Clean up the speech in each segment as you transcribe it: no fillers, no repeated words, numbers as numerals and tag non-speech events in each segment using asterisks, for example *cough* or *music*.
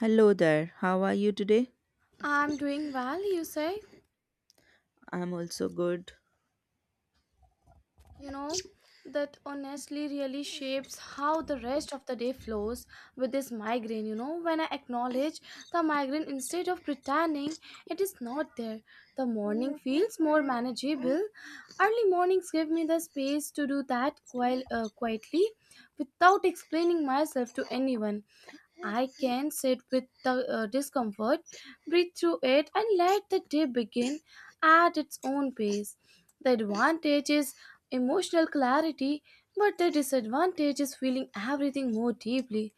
Hello there, how are you today? I'm doing well, you say? I'm also good. You know, that honestly really shapes how the rest of the day flows with this migraine. You know, when I acknowledge the migraine instead of pretending it is not there, the morning feels more manageable. Early mornings give me the space to do that quite, quietly without explaining myself to anyone. I can sit with the discomfort, breathe through it, and let the day begin at its own pace. The advantage is emotional clarity, but the disadvantage is feeling everything more deeply.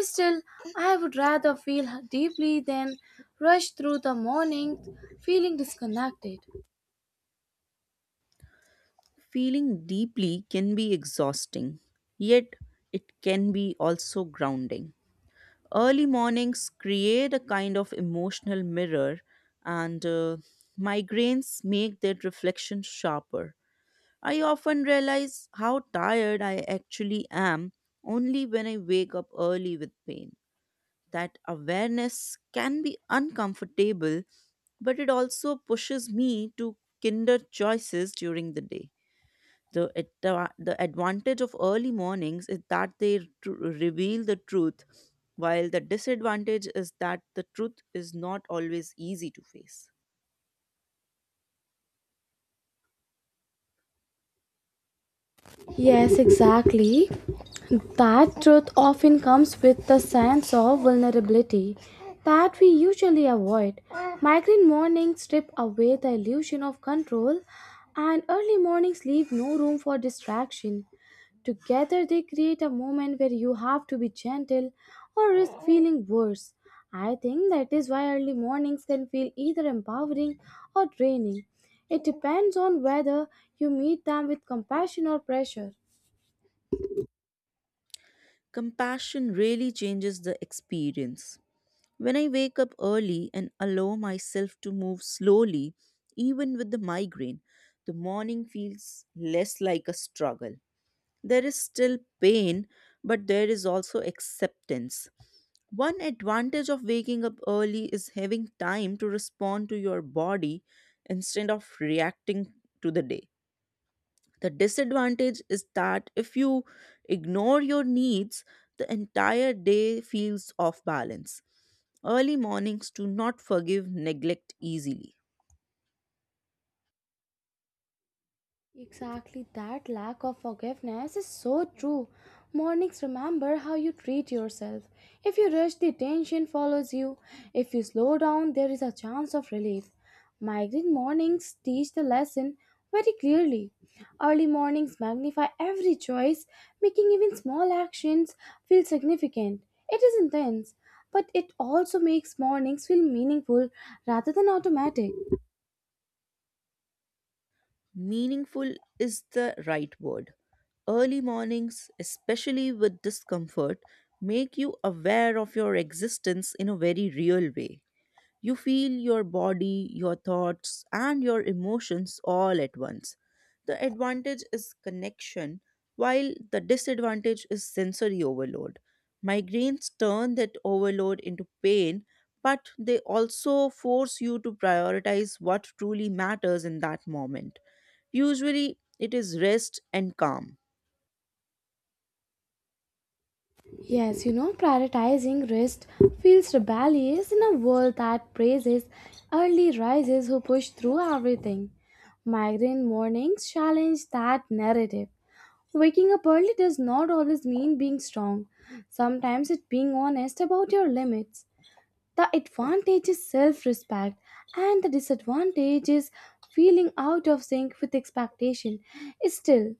Still, I would rather feel deeply than rush through the morning feeling disconnected. Feeling deeply can be exhausting, yet, it can be also grounding. Early mornings create a kind of emotional mirror, and migraines make that reflection sharper. I often realize how tired I actually am only when I wake up early with pain. That awareness can be uncomfortable, but it also pushes me to kinder choices during the day. The advantage of early mornings is that reveal the truth, while the disadvantage is that the truth is not always easy to face. Yes, exactly. That truth often comes with the sense of vulnerability that we usually avoid. Migraine mornings strip away the illusion of control, and early mornings leave no room for distraction. Together, they create a moment where you have to be gentle or risk feeling worse. I think that is why early mornings can feel either empowering or draining. It depends on whether you meet them with compassion or pressure. Compassion really changes the experience. When I wake up early and allow myself to move slowly, even with the migraine, the morning feels less like a struggle. There is still pain, but there is also acceptance. One advantage of waking up early is having time to respond to your body instead of reacting to the day. The disadvantage is that if you ignore your needs, the entire day feels off balance. Early mornings do not forgive neglect easily. Exactly, that lack of forgiveness is so true. Mornings remember how you treat yourself. If you rush, the tension follows you. If you slow down, there is a chance of relief. Migraine mornings teach the lesson very clearly. Early mornings magnify every choice, making even small actions feel significant. It is intense, but it also makes mornings feel meaningful rather than automatic. Meaningful is the right word. Early mornings, especially with discomfort, make you aware of your existence in a very real way. You feel your body, your thoughts, and your emotions all at once. The advantage is connection, while the disadvantage is sensory overload. Migraines turn that overload into pain, but they also force you to prioritize what truly matters in that moment. Usually, it is rest and calm. Yes, you know, prioritizing rest feels rebellious in a world that praises early risers who push through everything. Migraine mornings challenge that narrative. Waking up early does not always mean being strong. Sometimes it's being honest about your limits. The advantage is self respect, and the disadvantage is feeling out of sync with expectation. Still,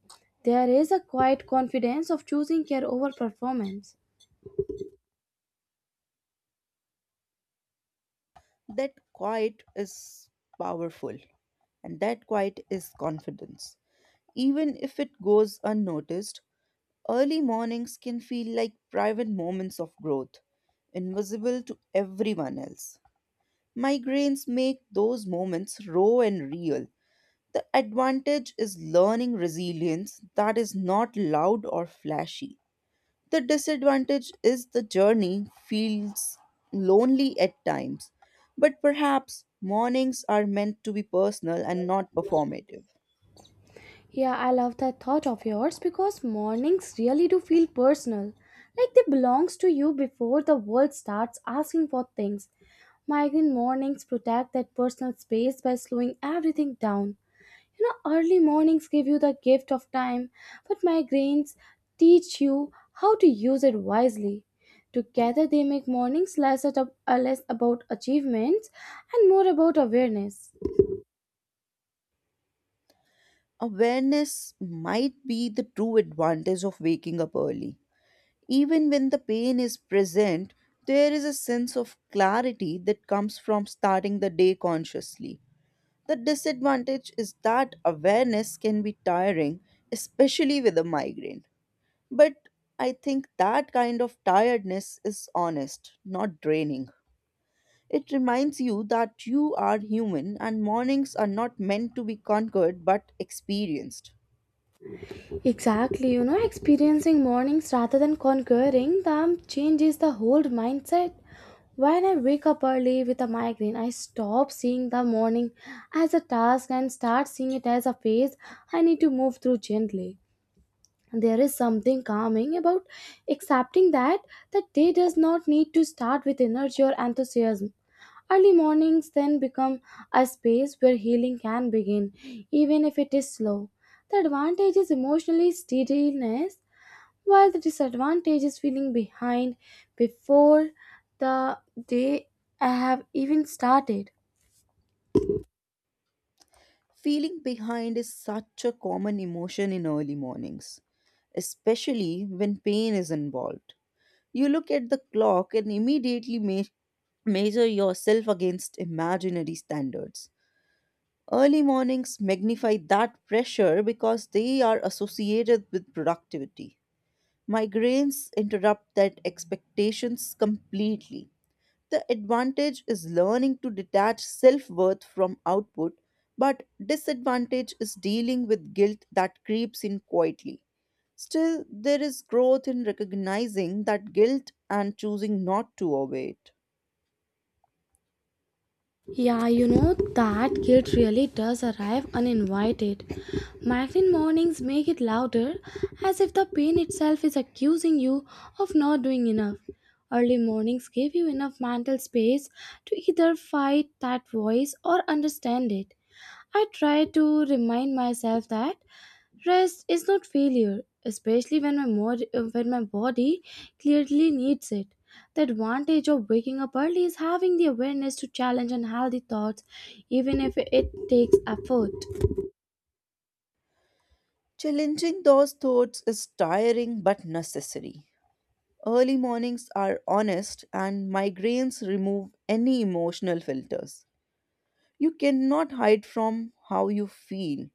there is a quiet confidence of choosing care over performance. That quiet is powerful, and that quiet is confidence. Even if it goes unnoticed, early mornings can feel like private moments of growth, invisible to everyone else. Migraines make those moments raw and real. The advantage is learning resilience that is not loud or flashy. The disadvantage is the journey feels lonely at times, but perhaps mornings are meant to be personal and not performative. Yeah, I love that thought of yours because mornings really do feel personal, like they belongs to you before the world starts asking for things. Migraine mornings protect that personal space by slowing everything down. You know, early mornings give you the gift of time, but migraines teach you how to use it wisely. Together, they make mornings less about achievements and more about awareness. Awareness might be the true advantage of waking up early. Even when the pain is present, there is a sense of clarity that comes from starting the day consciously. The disadvantage is that awareness can be tiring, especially with a migraine. But I think that kind of tiredness is honest, not draining. It reminds you that you are human and mornings are not meant to be conquered but experienced. Exactly, you know, experiencing mornings rather than conquering them changes the whole mindset. When I wake up early with a migraine, I stop seeing the morning as a task and start seeing it as a phase I need to move through gently. There is something calming about accepting that the day does not need to start with energy or enthusiasm. Early mornings then become a space where healing can begin, even if it is slow. The advantage is emotionally steadiness, while the disadvantage is feeling behind before the day I have even started. Feeling behind is such a common emotion in early mornings, especially when pain is involved. You look at the clock and immediately measure yourself against imaginary standards. Early mornings magnify that pressure because they are associated with productivity. Migraines interrupt that expectations completely. The advantage is learning to detach self worth from output, but disadvantage is dealing with guilt that creeps in quietly. Still, there is growth in recognizing that guilt and choosing not to obey it. Yeah, you know, that guilt really does arrive uninvited. Migraine mornings make it louder, as if the pain itself is accusing you of not doing enough. Early mornings give you enough mental space to either fight that voice or understand it. I try to remind myself that rest is not failure, especially when when my body clearly needs it. The advantage of waking up early is having the awareness to challenge unhealthy thoughts, even if it takes effort. Challenging those thoughts is tiring but necessary. Early mornings are honest, and migraines remove any emotional filters. You cannot hide from how you feel.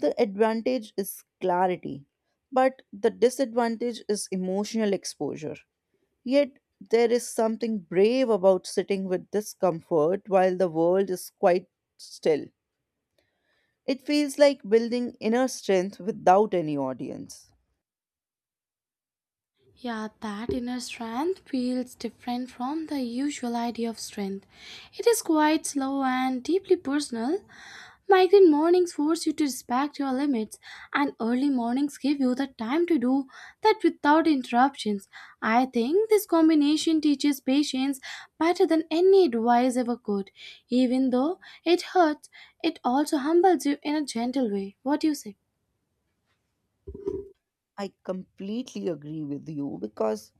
The advantage is clarity, but the disadvantage is emotional exposure. Yet, there is something brave about sitting with discomfort while the world is quite still. It feels like building inner strength without any audience. Yeah, that inner strength feels different from the usual idea of strength. It is quite slow and deeply personal. Migraine mornings force you to respect your limits, and early mornings give you the time to do that without interruptions. I think this combination teaches patience better than any advice ever could. Even though it hurts, it also humbles you in a gentle way. What do you say? I completely agree with you because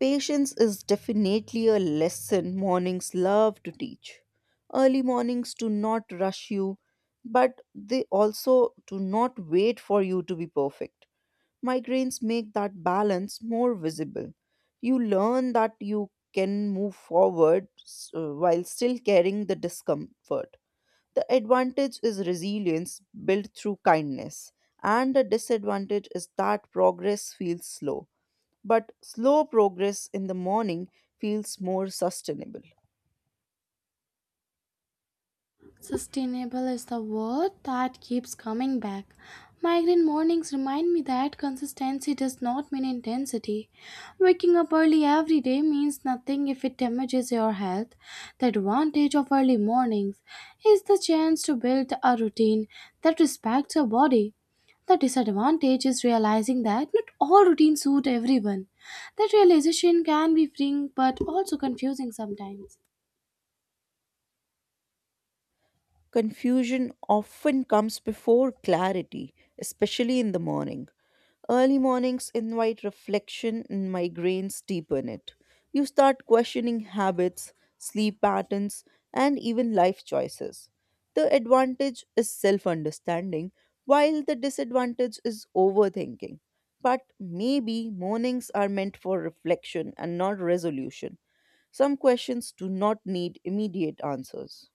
patience is definitely a lesson mornings love to teach. Early mornings do not rush you, but they also do not wait for you to be perfect. Migraines make that balance more visible. You learn that you can move forward while still carrying the discomfort. The advantage is resilience built through kindness, and the disadvantage is that progress feels slow but slow progress in the morning feels more sustainable. Sustainable is the word that keeps coming back. Migraine mornings remind me that consistency does not mean intensity. Waking up early every day means nothing if it damages your health. The advantage of early mornings is the chance to build a routine that respects your body. The disadvantage is realizing that not all routines suit everyone. That realization can be freeing but also confusing sometimes. Confusion often comes before clarity, especially in the morning. Early mornings invite reflection and migraines deepen it. You start questioning habits, sleep patterns, and even life choices. The advantage is self understanding, while the disadvantage is overthinking. But maybe mornings are meant for reflection and not resolution. Some questions do not need immediate answers.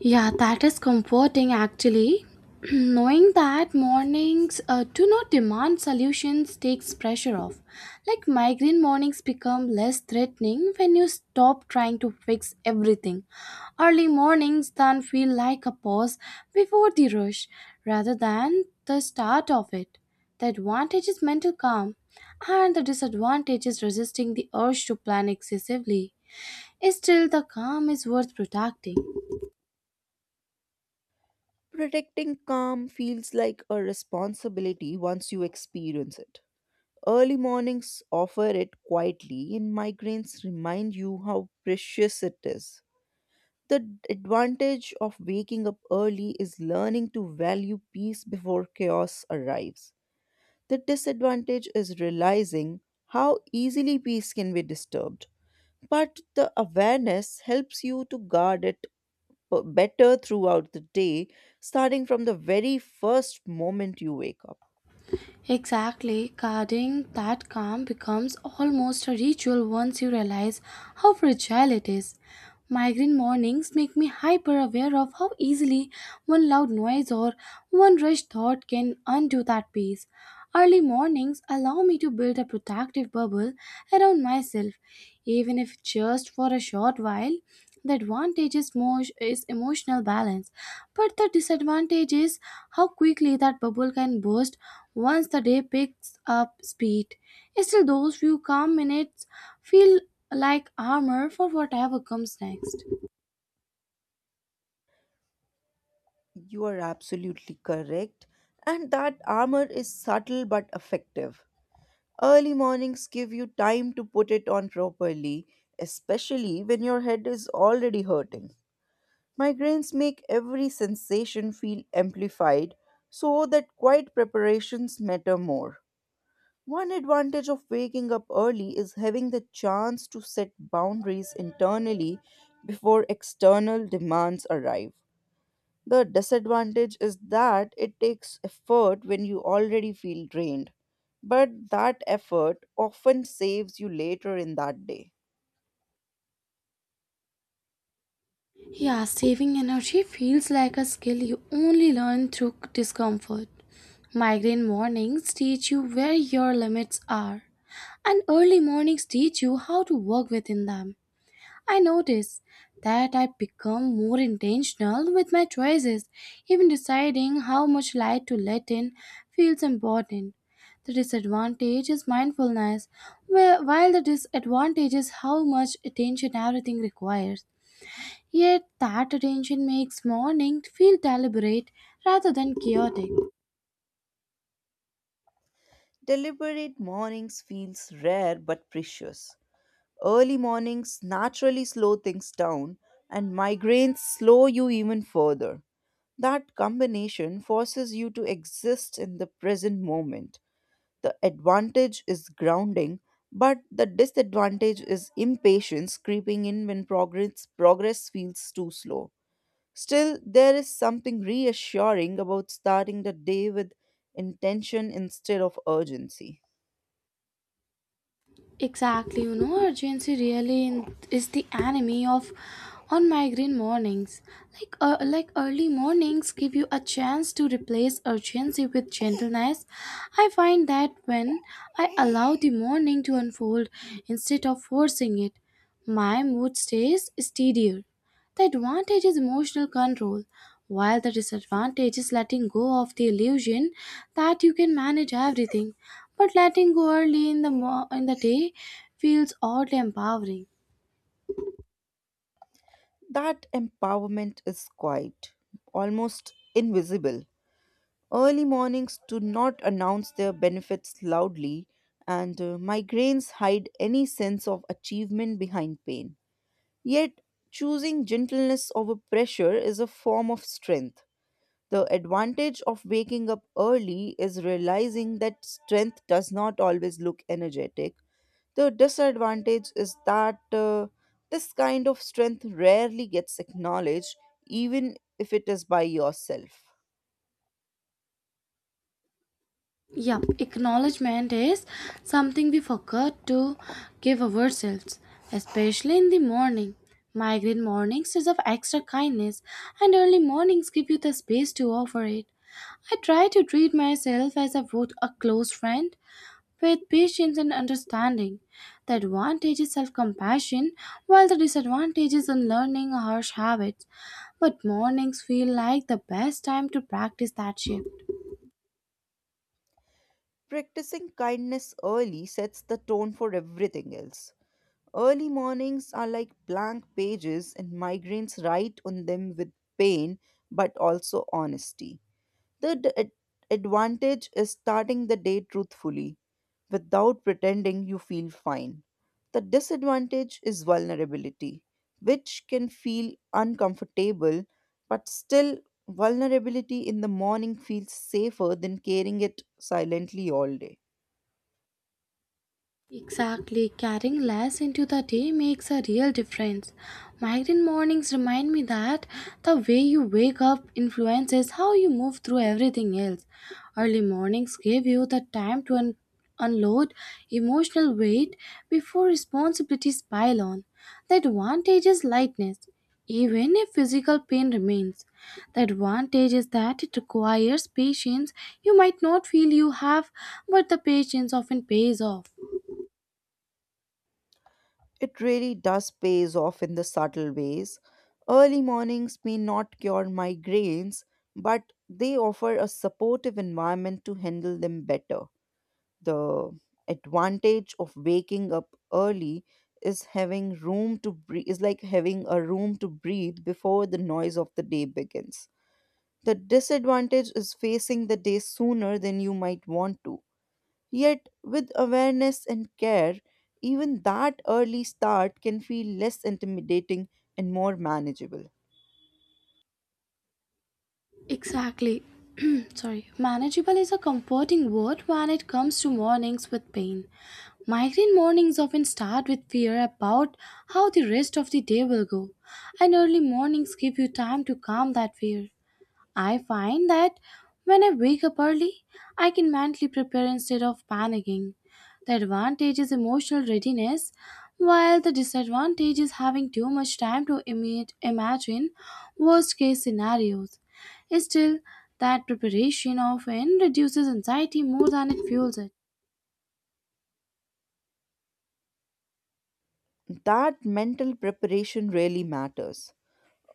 Yeah, that is comforting actually. *clears throat* Knowing that mornings do not demand solutions takes pressure off. Like migraine mornings become less threatening when you stop trying to fix everything. Early mornings then feel like a pause before the rush rather than the start of it. The advantage is mental calm, and the disadvantage is resisting the urge to plan excessively. Still, the calm is worth protecting. Protecting calm feels like a responsibility once you experience it. Early mornings offer it quietly, and migraines remind you how precious it is. The advantage of waking up early is learning to value peace before chaos arrives. The disadvantage is realizing how easily peace can be disturbed. But the awareness helps you to guard it better throughout the day, starting from the very first moment you wake up. Exactly, guarding that calm becomes almost a ritual once you realize how fragile it is. Migraine mornings make me hyper aware of how easily one loud noise or one rushed thought can undo that peace. Early mornings allow me to build a protective bubble around myself, even if just for a short while. The advantage is, is emotional balance, but the disadvantage is how quickly that bubble can burst once the day picks up speed. Still, those few calm minutes feel like armor for whatever comes next. You are absolutely correct. And that armor is subtle but effective. Early mornings give you time to put it on properly, especially when your head is already hurting. Migraines make every sensation feel amplified, so that quiet preparations matter more. One advantage of waking up early is having the chance to set boundaries internally before external demands arrive. The disadvantage is that it takes effort when you already feel drained, but that effort often saves you later in that day. Yeah, saving energy feels like a skill you only learn through discomfort. Migraine mornings teach you where your limits are, and early mornings teach you how to work within them. I notice that I become more intentional with my choices. Even deciding how much light to let in feels important. The disadvantage is mindfulness, while the disadvantage is how much attention everything requires. Yet that attention makes morning feel deliberate rather than chaotic. Deliberate mornings feels rare but precious. Early mornings naturally slow things down and migraines slow you even further. That combination forces you to exist in the present moment. The advantage is grounding, but the disadvantage is impatience creeping in when progress feels too slow. Still, there is something reassuring about starting the day with intention instead of urgency. Exactly, you know, urgency is the enemy of on migraine mornings. Like early mornings give you a chance to replace urgency with gentleness. I find that when I allow the morning to unfold instead of forcing it, my mood stays steadier. The advantage is emotional control, while the disadvantage is letting go of the illusion that you can manage everything. But letting go early in the in the day feels oddly empowering. That empowerment is quiet, almost invisible. Early mornings do not announce their benefits loudly, and migraines hide any sense of achievement behind pain. Yet, choosing gentleness over pressure is a form of strength. The advantage of waking up early is realizing that strength does not always look energetic. The disadvantage is that this kind of strength rarely gets acknowledged, even if it is by yourself. Yeah, acknowledgement is something we forgot to give ourselves, especially in the morning. Migraine mornings is of extra kindness, and early mornings give you the space to offer it. I try to treat myself as a, would a close friend. Faith, patience, and understanding. The advantage is self compassion, while the disadvantage is unlearning harsh habits. But mornings feel like the best time to practice that shift. Practicing kindness early sets the tone for everything else. Early mornings are like blank pages, and migraines write on them with pain but also honesty. The advantage is starting the day truthfully without pretending you feel fine. The disadvantage is vulnerability, which can feel uncomfortable, but still, vulnerability in the morning feels safer than carrying it silently all day. Exactly, carrying less into the day makes a real difference. Migraine mornings remind me that the way you wake up influences how you move through everything else. Early mornings give you the time to unload emotional weight before responsibilities pile on. The advantage is lightness, even if physical pain remains. The advantage is that it requires patience you might not feel you have, but the patience often pays off. It really does pays off in the subtle ways. Early mornings may not cure migraines, but they offer a supportive environment to handle them better. The advantage of waking up early is having room to breathe is like having a room to breathe before the noise of the day begins. The disadvantage is facing the day sooner than you might want to. Yet, with awareness and care, even that early start can feel less intimidating and more manageable. Exactly. *clears throat* Sorry. Manageable is a comforting word when it comes to mornings with pain. Migraine mornings often start with fear about how the rest of the day will go, and early mornings give you time to calm that fear. I find that when I wake up early, I can mentally prepare instead of panicking. The advantage is emotional readiness, while the disadvantage is having too much time to imagine worst case scenarios. Still, that preparation often reduces anxiety more than it fuels it. That mental preparation really matters.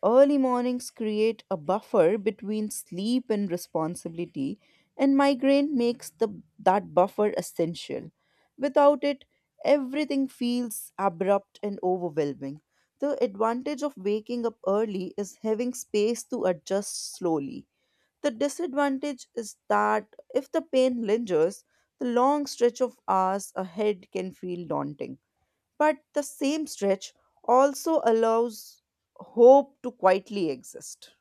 Early mornings create a buffer between sleep and responsibility, and migraine makes that buffer essential. Without it, everything feels abrupt and overwhelming. The advantage of waking up early is having space to adjust slowly. The disadvantage is that if the pain lingers, the long stretch of hours ahead can feel daunting. But the same stretch also allows hope to quietly exist.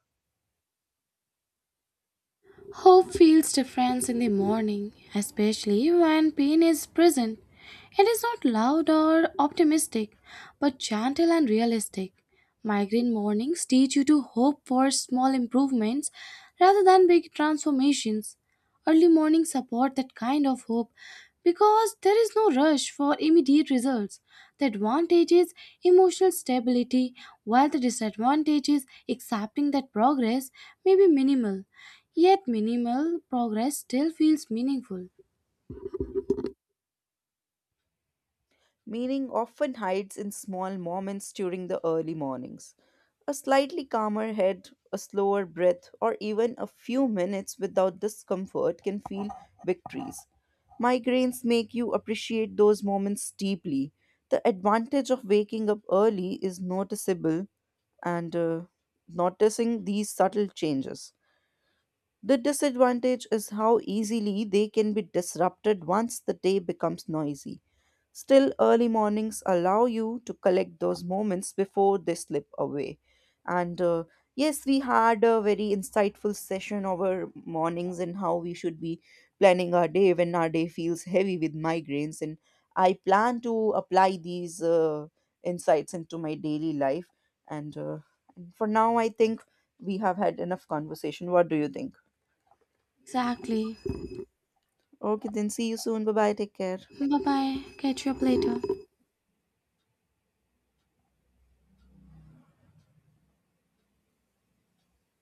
Hope feels different in the morning, especially when pain is present. It is not loud or optimistic, but gentle and realistic. Migraine mornings teach you to hope for small improvements rather than big transformations. Early mornings support that kind of hope because there is no rush for immediate results. The advantage is emotional stability, while the disadvantage is accepting that progress may be minimal. Yet minimal progress still feels meaningful. Meaning often hides in small moments during the early mornings. A slightly calmer head, a slower breath, or even a few minutes without discomfort can feel victories. Migraines make you appreciate those moments deeply. The advantage of waking up early is noticeable and noticing these subtle changes. The disadvantage is how easily they can be disrupted once the day becomes noisy. Still, early mornings allow you to collect those moments before they slip away. And Yes, we had a very insightful session over mornings and how we should be planning our day when our day feels heavy with migraines. And I plan to apply these insights into my daily life. And For now, I think we have had enough conversation. What do you think? Exactly. Okay, then see you soon. Bye bye. Take care. Bye bye. Catch you up later.